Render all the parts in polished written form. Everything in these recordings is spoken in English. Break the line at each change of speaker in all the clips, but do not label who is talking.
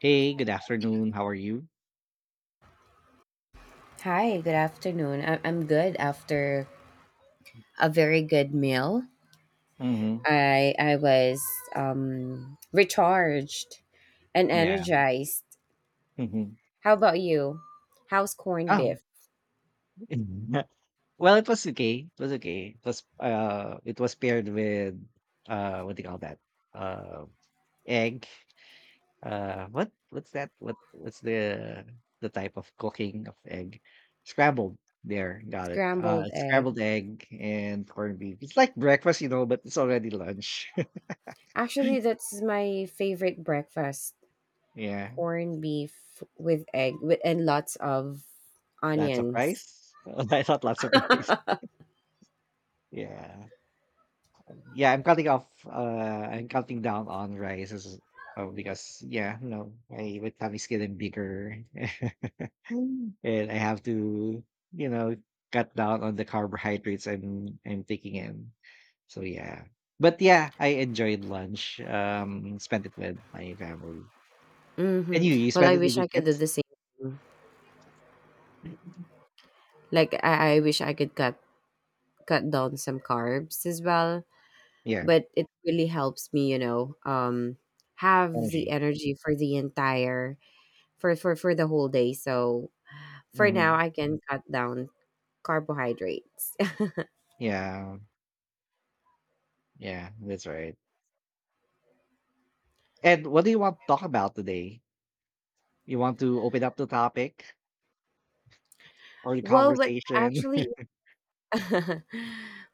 Hey, good afternoon. How are you?
Hi, good afternoon. I'm good after a very good meal.
Mhm.
I was recharged and
Yeah.
energized.
Mhm.
How about you? How's corned
Oh.
beef?
Well, it was okay. It was okay. It was paired with what do you call that? Uh Egg. What's that? What's the type of cooking of egg? Scrambled. There, got it.
Scrambled egg.
Scrambled egg and corned beef. It's like breakfast, you know, but it's already lunch.
Actually, that's my favorite breakfast.
Yeah.
Corned beef with egg with and lots of
Lots of
onions.
rice. I thought lots of rice. Yeah. Yeah, I'm cutting off. I'm cutting down on rice because yeah, no, my tummy is getting bigger, and I have to, you know, cut down on the carbohydrates I'm taking in. So yeah, but yeah, I enjoyed lunch. Spent it with my family. And
Mm-hmm.
you
Well,
spent
I
it with
wish
your
I could do
kids?
the same. Like I wish I could cut down some carbs as well,
Yeah,
but it really helps me have the
energy.
energy for the entire for the whole day. So for now
Mhm.
I can cut down carbohydrates.
Yeah, yeah, that's right. And what do you want to talk about today? You want to open up the topic? Or the
What
conversation.
actually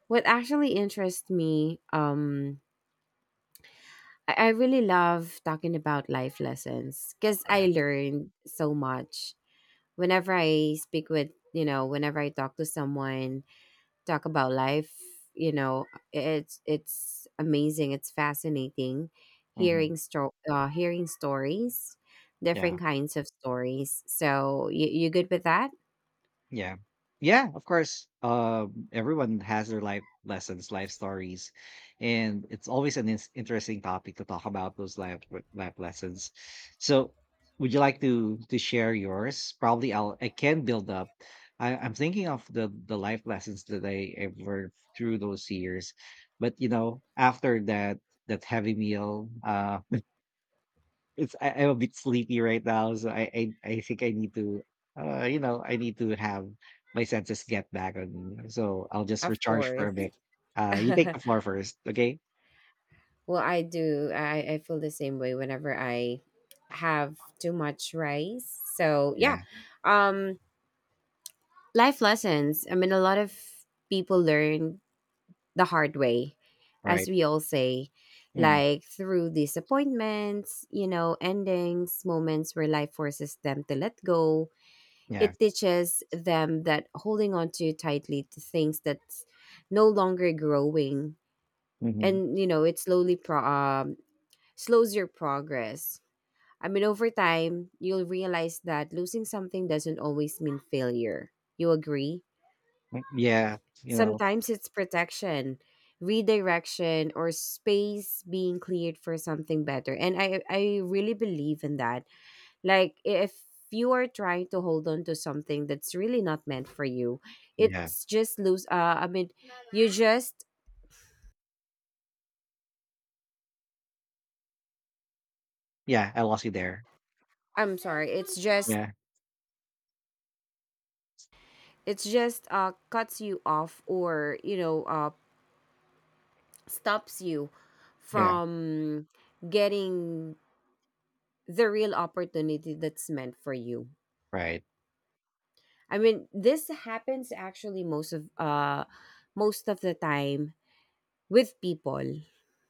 what actually interests me. I really love talking about life lessons because
Yeah.
I learned so much whenever I speak with you know whenever I talk to someone, talk about life. you know it's amazing, it's fascinating
Mhm.
hearing hearing stories,
Yeah.
different kinds of stories. So you good with that?
Yeah. Yeah, of course. Everyone has their life lessons, life stories, and it's always an ins interesting topic to talk about those life lessons. So, would you like to share yours? Probably I can build up. I'm thinking of the life lessons that I learned through those years. But, you know, after that heavy meal, it's I'm a bit sleepy right now, so I think I need to, I need to have my senses get back on me. So I'll just
Of
recharge for a
course.
bit. You take the floor first, okay?
Well I feel the same way whenever I have too much rice, so yeah.
Yeah,
um Life lessons, I mean, a lot of people learn the hard way, as
right.
we all say,
Mhm.
like through disappointments, you know, endings, moments where life forces them to let go.
Yeah.
It teaches them that holding on too tightly to things that's no longer growing
Hmm.
and, you know, it slowly slows your progress. I mean, over time, you'll realize that losing something doesn't always mean failure. You agree?
Yeah. You know.
Sometimes it's protection, redirection, or space being cleared for something better. And I really believe in that. Like, if you are trying to hold on to something that's really not meant for you,
Yeah.
it's just lose. I mean, you just—
Yeah. I lost you there.
I'm sorry,
Yeah.
it's just cuts you off or, you know, stops you
Yeah.
from getting the real opportunity that's meant for you.
Right.
I mean, this happens actually most of the time with people.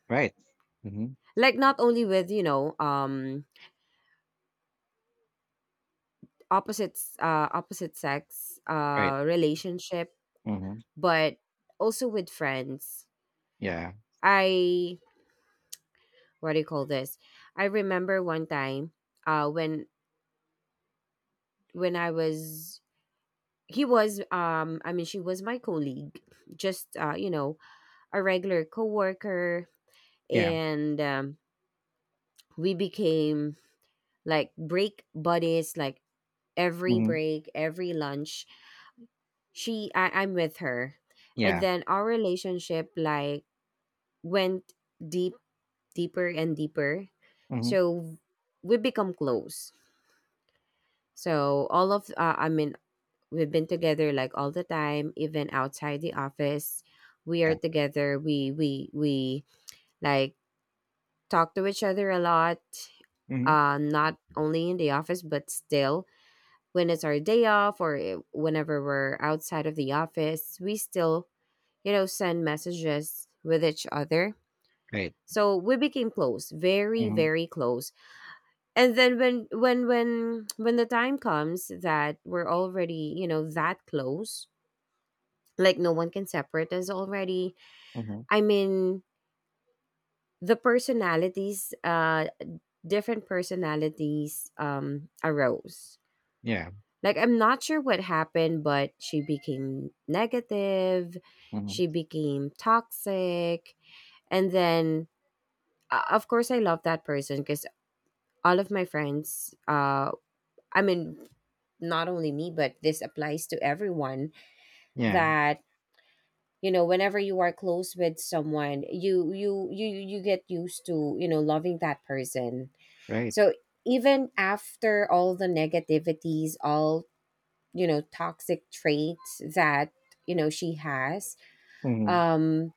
Right. Hmm.
Like not only with, you know, opposite sex
Right.
relationship,
Hmm.
but also with friends.
Yeah.
I, what do you call this? I remember one time uh when when I was— he was I mean she was my colleague, just you know, a regular coworker.
Yeah.
And we became like break buddies, like every
Hmm.
break, every lunch she I'm with her. And
Yeah.
then our relationship, like, went deep deeper and deeper,
Hmm.
so we become close. So all of I mean we've been together like all the time, even outside the office. We are
Yeah.
together, we like talk to each other a lot.
Hmm.
Not only in the office, but still when it's our day off or whenever we're outside of the office, we still, you know, send messages with each other.
Right.
So we became close, very
Hmm.
very close. And then when the time comes that we're already, you know, that close, like no one can separate us already.
Hmm.
I mean, the personalities different personalities arose.
Yeah.
Like I'm not sure what happened, but she became negative,
Hmm.
she became toxic. And then, of course I love that person because all of my friends, I mean not only me, but this applies to everyone
Yeah.
that, you know, whenever you are close with someone, you get used to, you know, loving that person.
Right.
So even after all the negativities, all, you know, toxic traits that, you know, she has,
Hmm.
um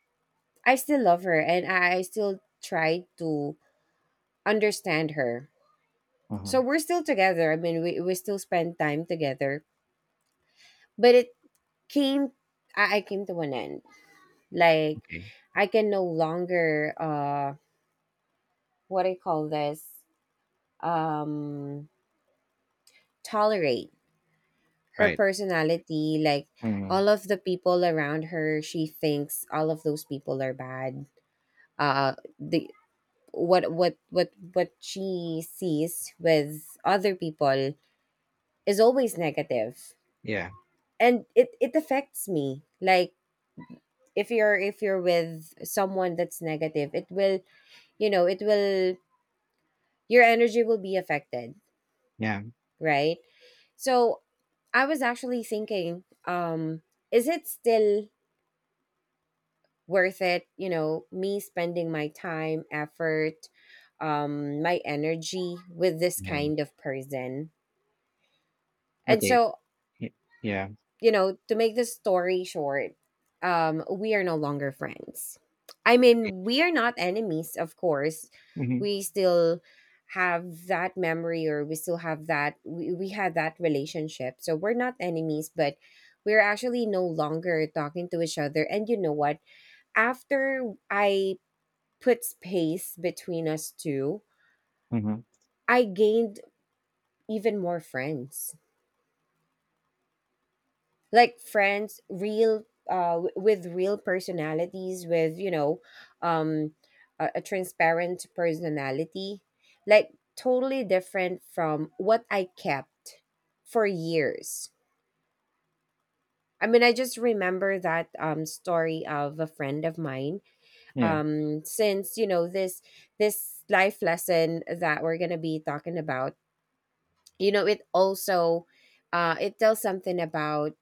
I still love her and I still try to understand her. So
Hmm.
we're still together, I mean, we still spend time together. But it came I came to an end. Like,
Okay,
I can no longer, what I call this um tolerate her
right.
personality. Like,
Mhm.
all of the people around her, she thinks all of those people are bad. The What she sees with other people is always negative,
Yeah,
and it affects me. Like, if you're with someone that's negative, it will, you know, it will your energy will be affected,
yeah,
right? So I was actually thinking, is it still worth it, you know, me spending my time, effort, my energy with this
yeah.
kind of person? And
Okay.
so,
Y Yeah,
you know, to make the story short, we are no longer friends. I
okay.
mean, we are not enemies, of course.
Mhm,
We still have that memory, or we still have that— we had that relationship. So we're not enemies, but we're actually no longer talking to each other. And you know what? After I put space between us two,
mhm.
I gained even more friends. Like friends, real, with real personalities, with, you know, um, a transparent personality, like totally different from what I kept for years. I mean, I just remember that, um, story of a friend of mine.
Yeah,
Um, since, you know, this life lesson that we're gonna be talking about, you know, it also, uh, it tells something about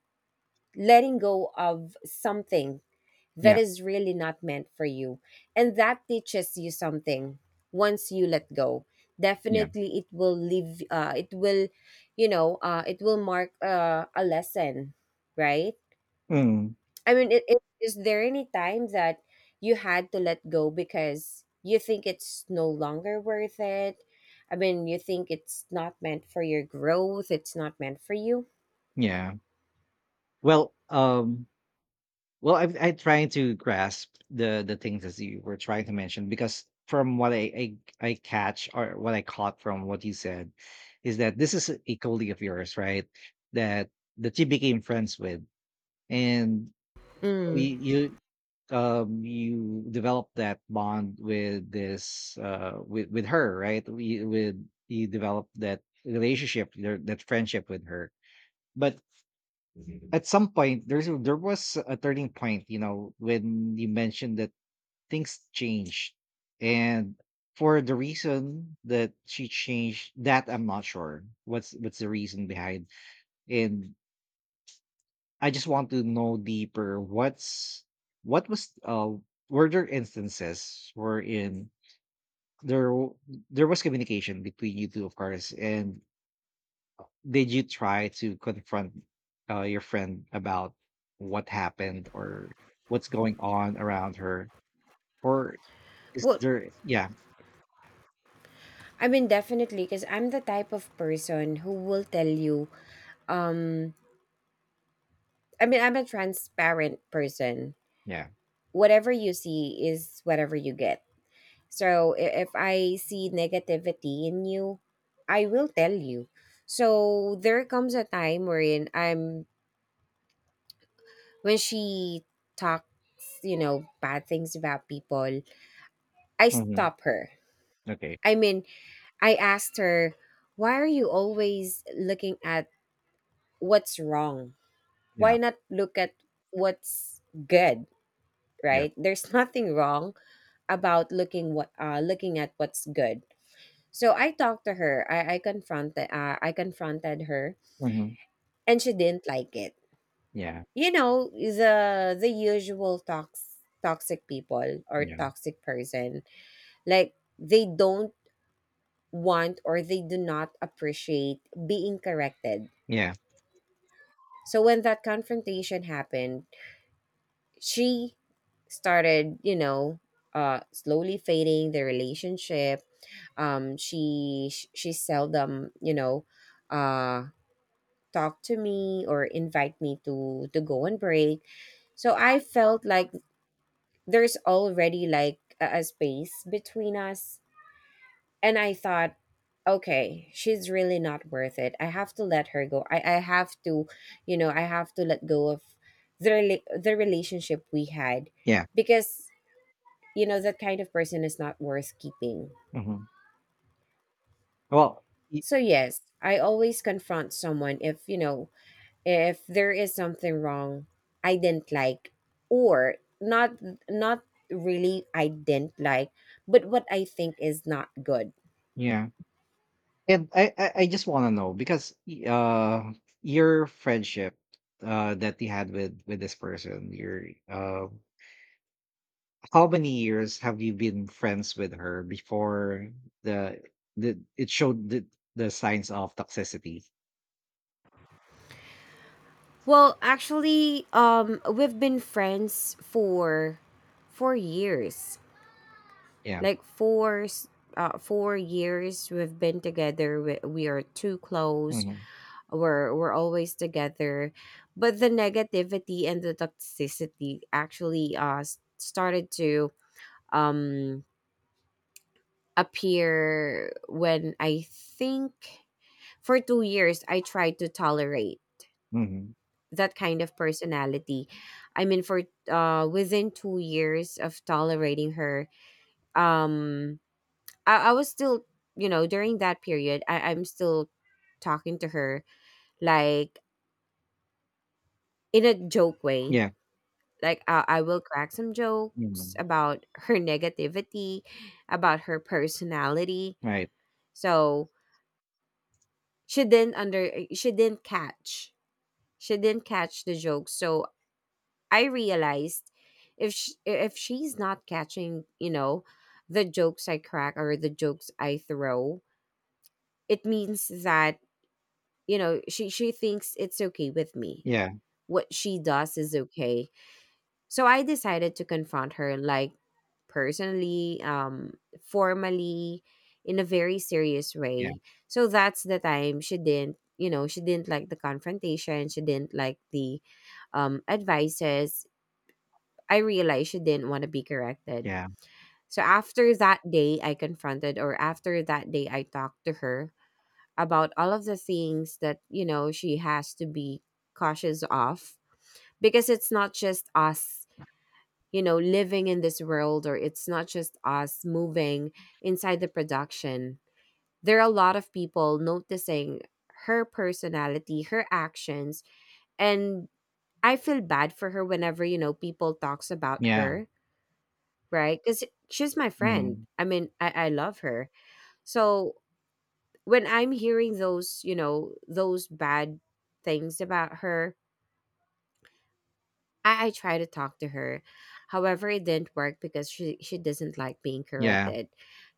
letting go of something that
yeah,
is really not meant for you. And that teaches you something once you let go.
yeah.
Definitely it will leave— it will, you know, it will mark, a lesson, right?
Mm,
I mean, is there any time that you had to let go because you think it's no longer worth it? I mean, you think it's not meant for your growth, it's not meant for you?
yeah. Well, well, I trying to grasp the things as you were trying to mention because from what I catch or what I caught from what you said is that this is a colleague of yours, right? That that you became friends with, and we
Mm.
you you develop that bond with this with her, right? we With you develop that that friendship with her, but at some point there was a turning point, you know, when you mentioned that things changed. And for the reason that she changed, that I'm not sure what's the reason behind. And I just want to know deeper what's what was were there instances wherein there w- there was communication between you two, of course, and did you try to confront your friend about what happened or what's going on around her, or is
Well,
there? Yeah.
I mean, definitely, because I'm the type of person who will tell you, um, I mean, I'm a transparent person.
Yeah.
Whatever you see is whatever you get. So if I see negativity in you, I will tell you. So there comes a time wherein I'm— when she talks, you know, bad things about people, I
Hmm.
stop her.
Okay.
I mean, I asked her, why are you always looking at what's wrong?
Yeah.
Why not look at what's good,
Yeah.
right? There's nothing wrong about looking at what's good. So I talked to her. I confronted— I confronted her
Hmm.
and she didn't like it.
Yeah.
You know, the usual toxic people or
Yeah.
toxic person, like they don't want, or they do not appreciate being corrected.
Yeah.
So when that confrontation happened, she started, you know, slowly fading the relationship. She seldom, you know, uh, talk to me or invite me to go on break. So I felt like there's already like a space between us. And I thought, okay, she's really not worth it. I have to let her go. I have to, you know, I have to let go of the— the relationship we had,
Yeah.
because, you know, that kind of person is not worth keeping.
Hmm. Well, y-
So, yes, I always confront someone if, you know, if there is something wrong I didn't like, or not, not really I didn't like, but what I think is not good.
yeah. And I just want to know because your friendship that you had with this person, your how many years have you been friends with her before the the it showed the signs of toxicity?
Well, actually, we've been friends for 4 years.
Yeah.
Like 4 years we've been together. We are too close.
Hmm.
We're always together. But the negativity and the toxicity actually started to um appear, when I think for 2 years I tried to tolerate
Hmm.
that kind of personality. I mean, for within 2 years of tolerating her, um, I was still, you know, during that period, I'm still talking to her like in a joke way.
Yeah.
Like, I will crack some jokes
Hmm.
about her negativity, about her personality.
Right.
So she didn't under she didn't catch she didn't catch the joke. So I realized if sh if she's not catching, you know, the jokes I crack or the jokes I throw, it means that, you know, she thinks it's okay with me.
Yeah.
What she does is okay. So I decided to confront her like personally, um, formally, in a very serious
Yeah.
way. So that's the time she didn't, you know, she didn't like the confrontation, she didn't like the advices. I realized she didn't want to be corrected.
Yeah.
So after that day, I confronted, or after that day, I talked to her about all of the things that, you know, she has to be cautious of, because it's not just us, you know, living in this world, or it's not just us moving inside the production. There are a lot of people noticing her personality, her actions, and I feel bad for her whenever, you know, people talks about
Yeah.
her, right? Because she's my friend.
Hmm.
I mean, I love her. So when I'm hearing those, you know, those bad things about her, I try to talk to her. However, it didn't work because she doesn't like being
Yeah.
corrected.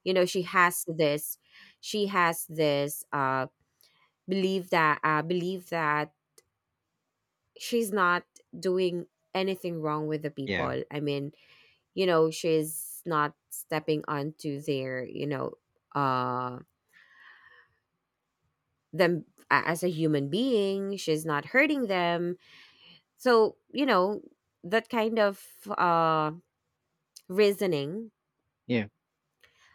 You know, she has this believe that she's not doing anything wrong with the
Yeah.
people. I mean, she's not stepping onto their, uh them as a human being, she's not hurting them, so that kind of uh reasoning.
Yeah.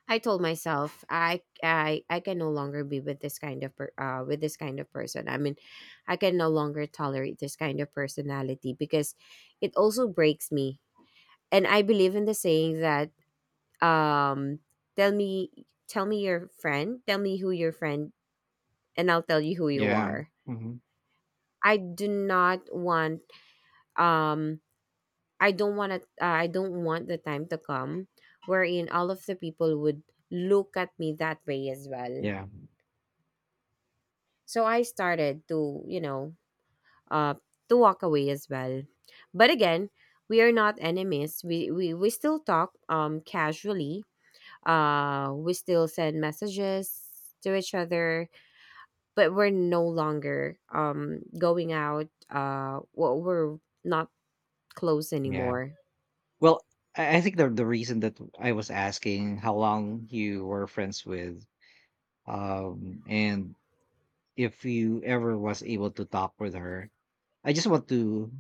I told myself I can no longer be with this kind of with this kind of person. I mean, I can no longer tolerate this kind of personality because it also breaks me. And I believe in the saying that um tell me your friend tell me who your friend, and I'll tell you who you
Yeah.
are.
Hmm.
I do not want, um I don't want to, I don't want the time to come wherein all of the people would look at me that way as well.
Yeah.
So I started to, uh, to walk away as well. But again, we are not enemies. We still talk casually. We still send messages to each other, but we're no longer going out. Well, we're not close
Yeah.
anymore.
Well, I think the reason that I was asking how long you were friends with, and if you ever was able to talk with her, I just want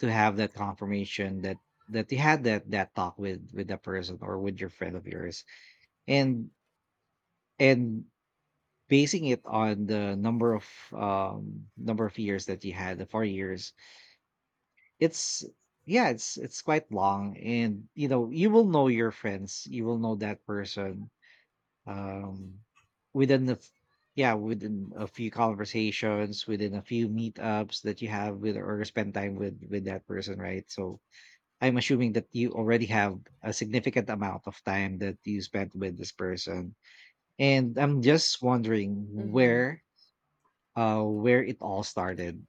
to have that confirmation that that you had that that talk with that person or with your friend of yours, and and basing it on the number of years that you had, the 4 years, it's yeah, it's quite long, and you know you will know your friends, you will know that person um within yeah, within a few conversations, within a few meetups that you have with or spend time with that person, right? So I'm assuming that you already have a significant amount of time that you spent with this person, and I'm just wondering
Mm-hmm.
where it all started.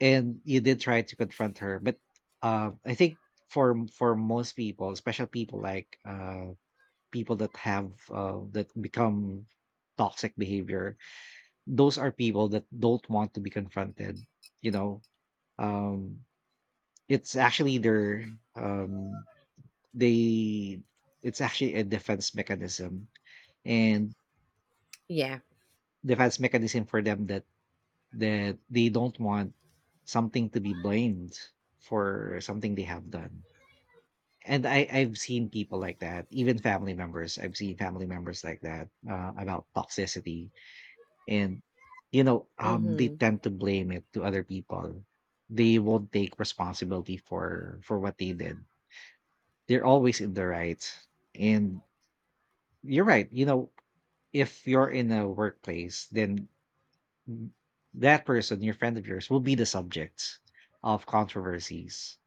And you did try to confront her, but I think for most people, especially people like people that have that become toxic behavior, those are people that don't want to be confronted, you know. um it's actually their um they it's actually a defense mechanism. And
Yeah.
defense mechanism for them that that they don't want something to be blamed for something they have done. And I've seen people like that, even family members. I've seen family members like that about toxicity. And, you know, they
Mm-hmm.
tend to blame it to other people. They won't take responsibility for what they did. They're always in the right. And you're right. You know, if you're in a workplace, then that person, your friend of yours, will be the subject of controversies.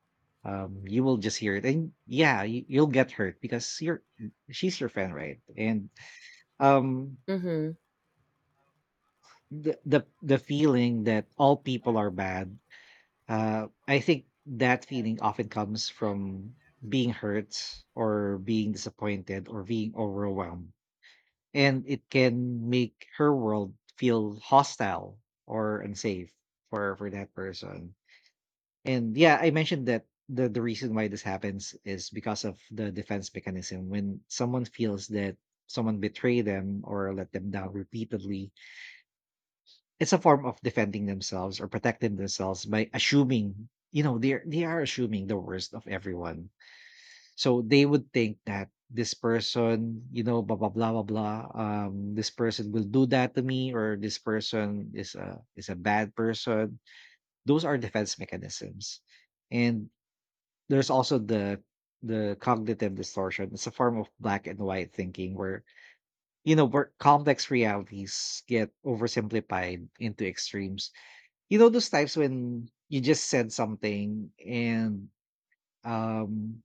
You will just hear it, and yeah, you'll get hurt because you're she's your friend, right? And um,
Mm-hmm.
the feeling that all people are bad. I think that feeling often comes from being hurt or being disappointed or being overwhelmed. And it can make her world feel hostile or unsafe for that person. And yeah, I mentioned that the reason why this happens is because of the defense mechanism. When someone feels that someone betrayed them or let them down repeatedly, it's a form of defending themselves or protecting themselves by assuming, you know, they are assuming the worst of everyone. So they would think that this person, you know, blah blah blah blah blah. This person will do that to me, or this person is a bad person. Those are defense mechanisms, and there's also the cognitive distortion. It's a form of black and white thinking where you know where complex realities get oversimplified into extremes. You know those times when you just said something, and, um,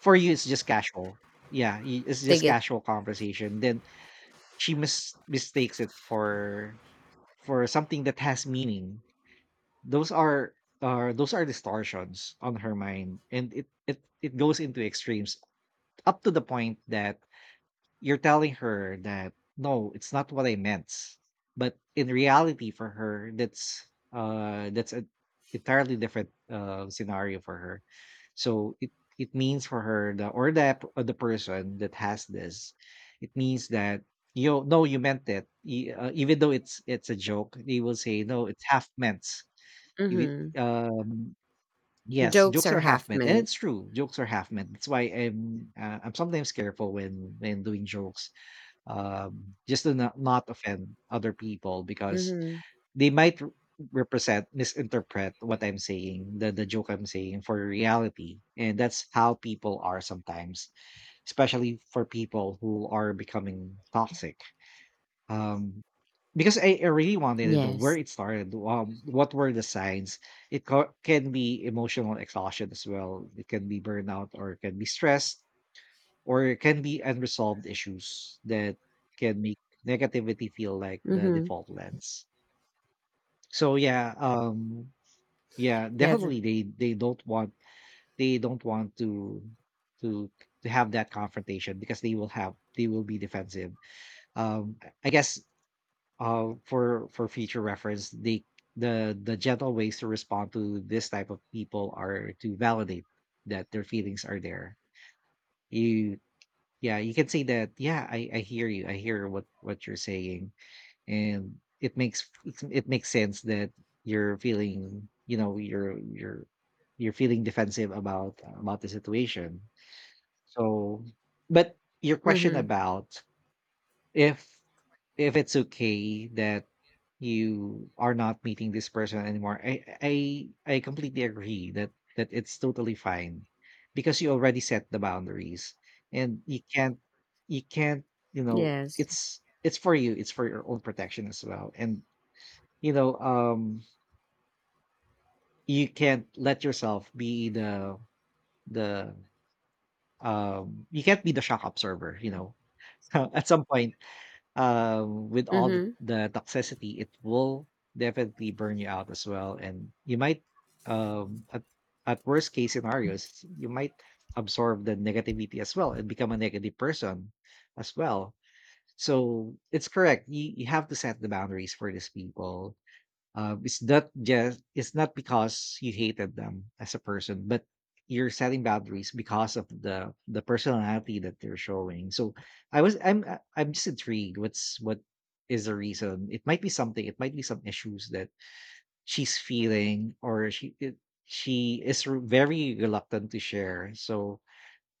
for you it's just casual. Yeah, I it's
They
just
get
casual conversation, then she mistakes it for something that has meaning. Those are those are distortions on her mind, and it goes into extremes up to the point that you're telling her that, "No, it's not what I meant." But in reality for her, that's an entirely different, scenario for her. So it means for her the or the p the person that has this, it means that, "You no, you meant it." E Even though it's a joke, they will say, "No, it's half meant." If it
mhm.
yes,
Jokes
jokes
are
are half
half
meant, and
meant.
it's true, jokes are half meant. That's why I'm sometimes careful when doing jokes, just to not, not offend other people because
Mhm.
they might represent misinterpret what I'm saying, the joke I'm saying for reality. And that's how people are sometimes, especially for people who are becoming toxic, um because I really wanted to know where
Yes.
it started, what were the signs. Can be emotional exhaustion as well, it can be burnout, or it can be stress, or can be unresolved issues that can make negativity feel like the
Mhm.
default lens. So yeah, yeah,
Yes.
definitely they don't want, they don't want to to have that confrontation because they will have they will be defensive. I guess for future reference, they the gentle ways to respond to this type of people are to validate that their feelings are there. You, yeah, you can say that, "Yeah, I hear you. I hear what you're saying." And it makes it's it makes sense that you're feeling, you know, you're feeling defensive about the situation. So but your question
Mhm.
about if if it's okay that you are not meeting this person anymore, I completely agree that that it's totally fine because you already set the boundaries, and you can't, you can't, you know,
Yes.
it's for you, it's for your own protection as well. And you know, you can't let yourself be the you can't be the shock observer, you know, at some point. With all
Mhm.
the toxicity, it will definitely burn you out as well, and you might, um, at at worst case scenarios, you might absorb the negativity as well and become a negative person as well. So it's correct. You have to set the boundaries for these people. It's not just it's not because you hated them as a person, but you're setting boundaries because of the personality that they're showing. So I'm just intrigued. What's what is the reason? It might be something. It might be some issues that she's feeling, or she it, she is very reluctant to share. So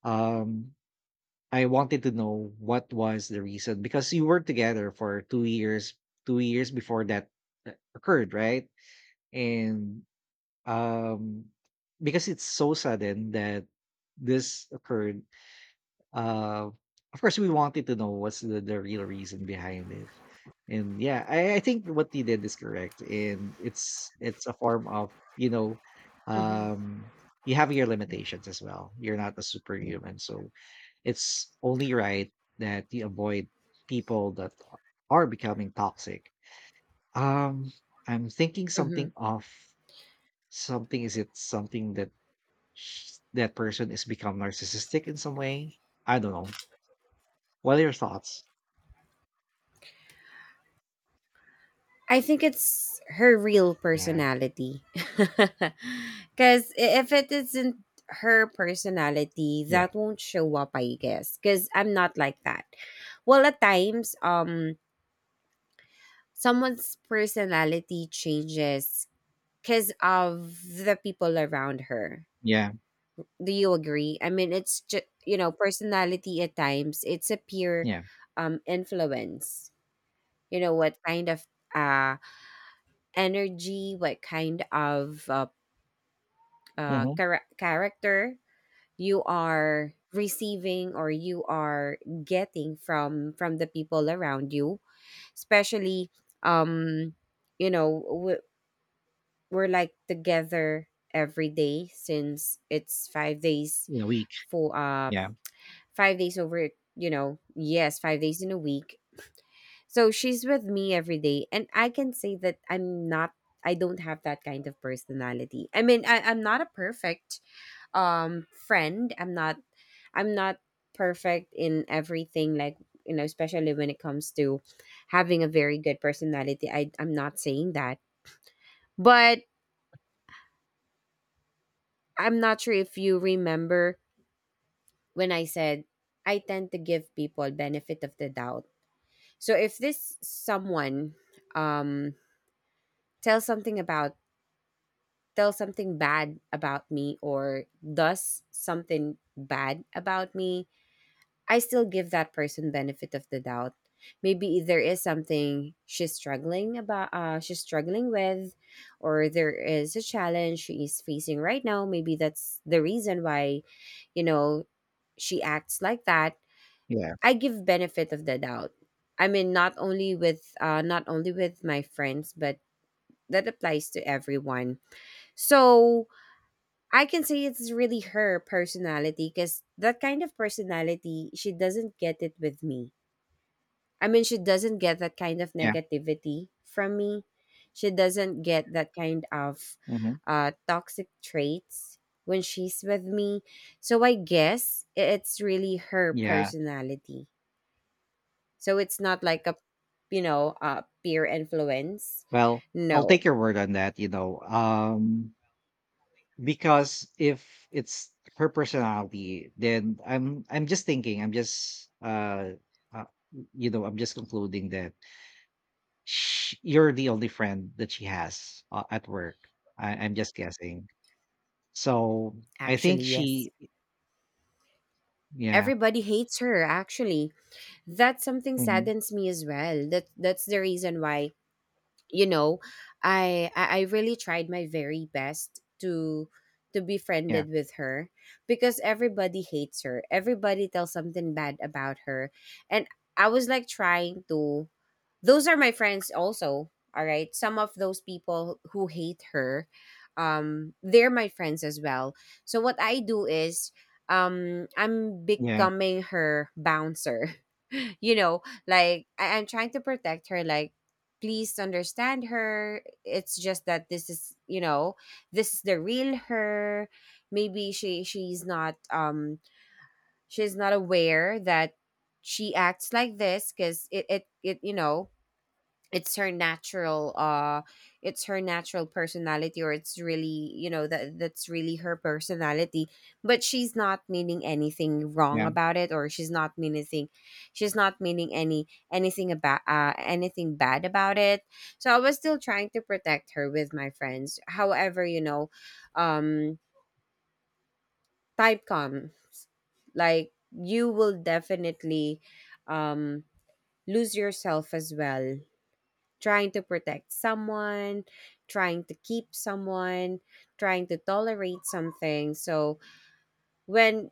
um, I wanted to know what was the reason because you were together for 2 years. 2 years before that occurred, right? And, um, because it's so sudden that this occurred, uh, of course, we wanted to know what's the real reason behind it. And yeah, I think what he did is correct. And it's a form of, you know,
Mhm.
um, you have your limitations as well. You're not a superhuman. So it's only right that you avoid people that are becoming toxic. Um, I'm thinking something
Mhm.
off. Something, is it something that sh that person is become narcissistic in some way? I don't know. What are your thoughts?
I think it's her real
Yeah,
personality. Cuz if it isn't her personality,
yeah,
that won't show up, I guess. Cuz I'm not like that. Well, at times, someone's personality changes cuz of the people around her.
yeah,
Do you agree? I mean, it's just, you know, personality at times, it's a peer,
yeah.
influence. You know, what kind of uh, energy, what kind of
Mhm.
character you are receiving or you are getting from the people around you, especially, um you know, we're like together every day since it's 5 days
In a week.
for
Yeah,
5 days over, you know, yes, 5 days in a week. So she's with me every day. And I can say that I don't have that kind of personality. I mean, I'm not a perfect friend. I'm not perfect in everything, like, you know, especially when it comes to having a very good personality. I'm not saying that. But I'm not sure if you remember when I said I tend to give people benefit of the doubt. So if this someone, um, tells something about tells something bad about me or does something bad about me, I still give that person benefit of the doubt. Maybe there is something she's struggling about, she's struggling with, or there is a challenge she is facing right now. Maybe that's the reason why, you know, she acts like that.
yeah,
I give benefit of the doubt. I mean, not only with not only with my friends, but that applies to everyone. So I can say it's really her personality because that kind of personality, she doesn't get it with me. I mean, she doesn't get that kind of
yeah.
negativity from me. She doesn't get that kind of
Mhm.
toxic traits when she's with me. So I guess it's really her
Yeah.
personality. So it's not like a, you know, peer influence.
Well, I'll take
No,
your word on that, you know. Because if it's her personality, then I'm just thinking, I'm just uh you know, I'm just concluding that Sh you're the only friend that she has, at work. I'm just guessing. So, I think
actually, yes.
she yeah,
Everybody hates her, actually. That something
mhm,
saddens me as well. That that's the reason why, you know, I really tried my very best to be
yeah,
friended with her, because everybody hates her, everybody tells something bad about her. And I was like trying to, those are my friends also. All right, some of those people who hate her, they're my friends as well. So what I do is, I'm
yeah,
becoming her bouncer. You know, like I'm trying to protect her, like please understand her, it's just that this is, you know, this is the real her. Maybe she's not, she's not aware that she acts like this because it you know, it's her natural uh it's her natural personality, or it's really, you know, that that's really her personality. But she's not meaning anything wrong
yeah,
about it, or she's not meaning anything, she's not meaning anything about anything bad about it. So I was still trying to protect her with my friends. However, you know, um type come, like you will definitely, um lose yourself as well, trying to protect someone, trying to keep someone, trying to tolerate something. So when,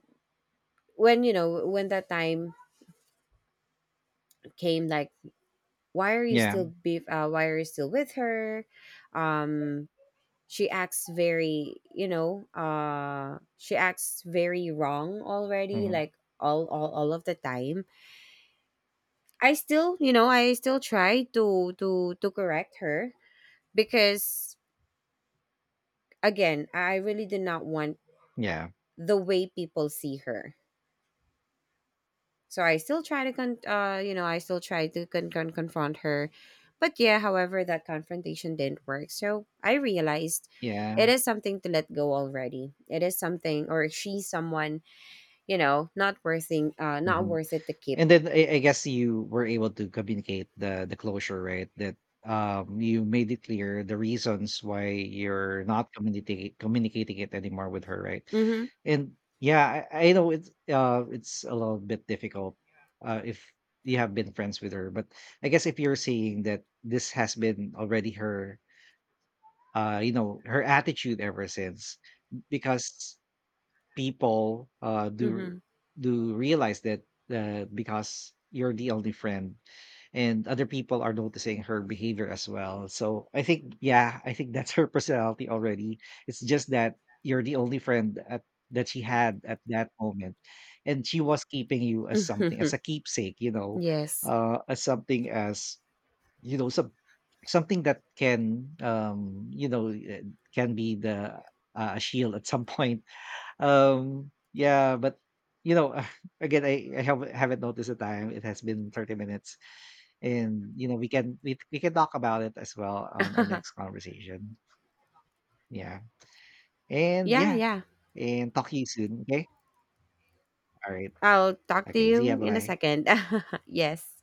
you know, when that time came, like why are you
yeah,
still be why are you still with her? Um, she acts very, you know, she acts very wrong already,
mhm,
like all of the time. I still, you know, I still try to correct her because, again, I really did not want
yeah,
the way people see her. So I still try to you know, I still try to confront her. But yeah, however, that confrontation didn't work. So I realized
yeah,
it is something to let go already. It is something, or she's someone, you know, not
mhm.
worth it to keep.
And then I guess you were able to communicate the closure, right? That you made it clear the reasons why you're not communicating it anymore with her, right?
Mhm.
And yeah, I know it's a little bit difficult if you have been friends with her, but I guess if you're seeing that this has been already her you know her attitude ever since because people do
Mhm.
do realize that because you're the only friend, and other people are noticing her behavior as well. So I think, yeah, I think that's her personality already. It's just that you're the only friend at, that she had at that moment, and she was keeping you as something as a keepsake, you know,
Yes.
as something as you know something that can you know can be the a shield at some point. Yeah, but you know, again, I haven't noticed the time. It has been 30 minutes, and you know, we can talk about it as well on our next conversation. Yeah, and
Yeah,
yeah,
yeah.
and talk to you soon. Okay, all right,
I'll talk to
okay, see ya,
you
bye
in a
bye.
second. Yes.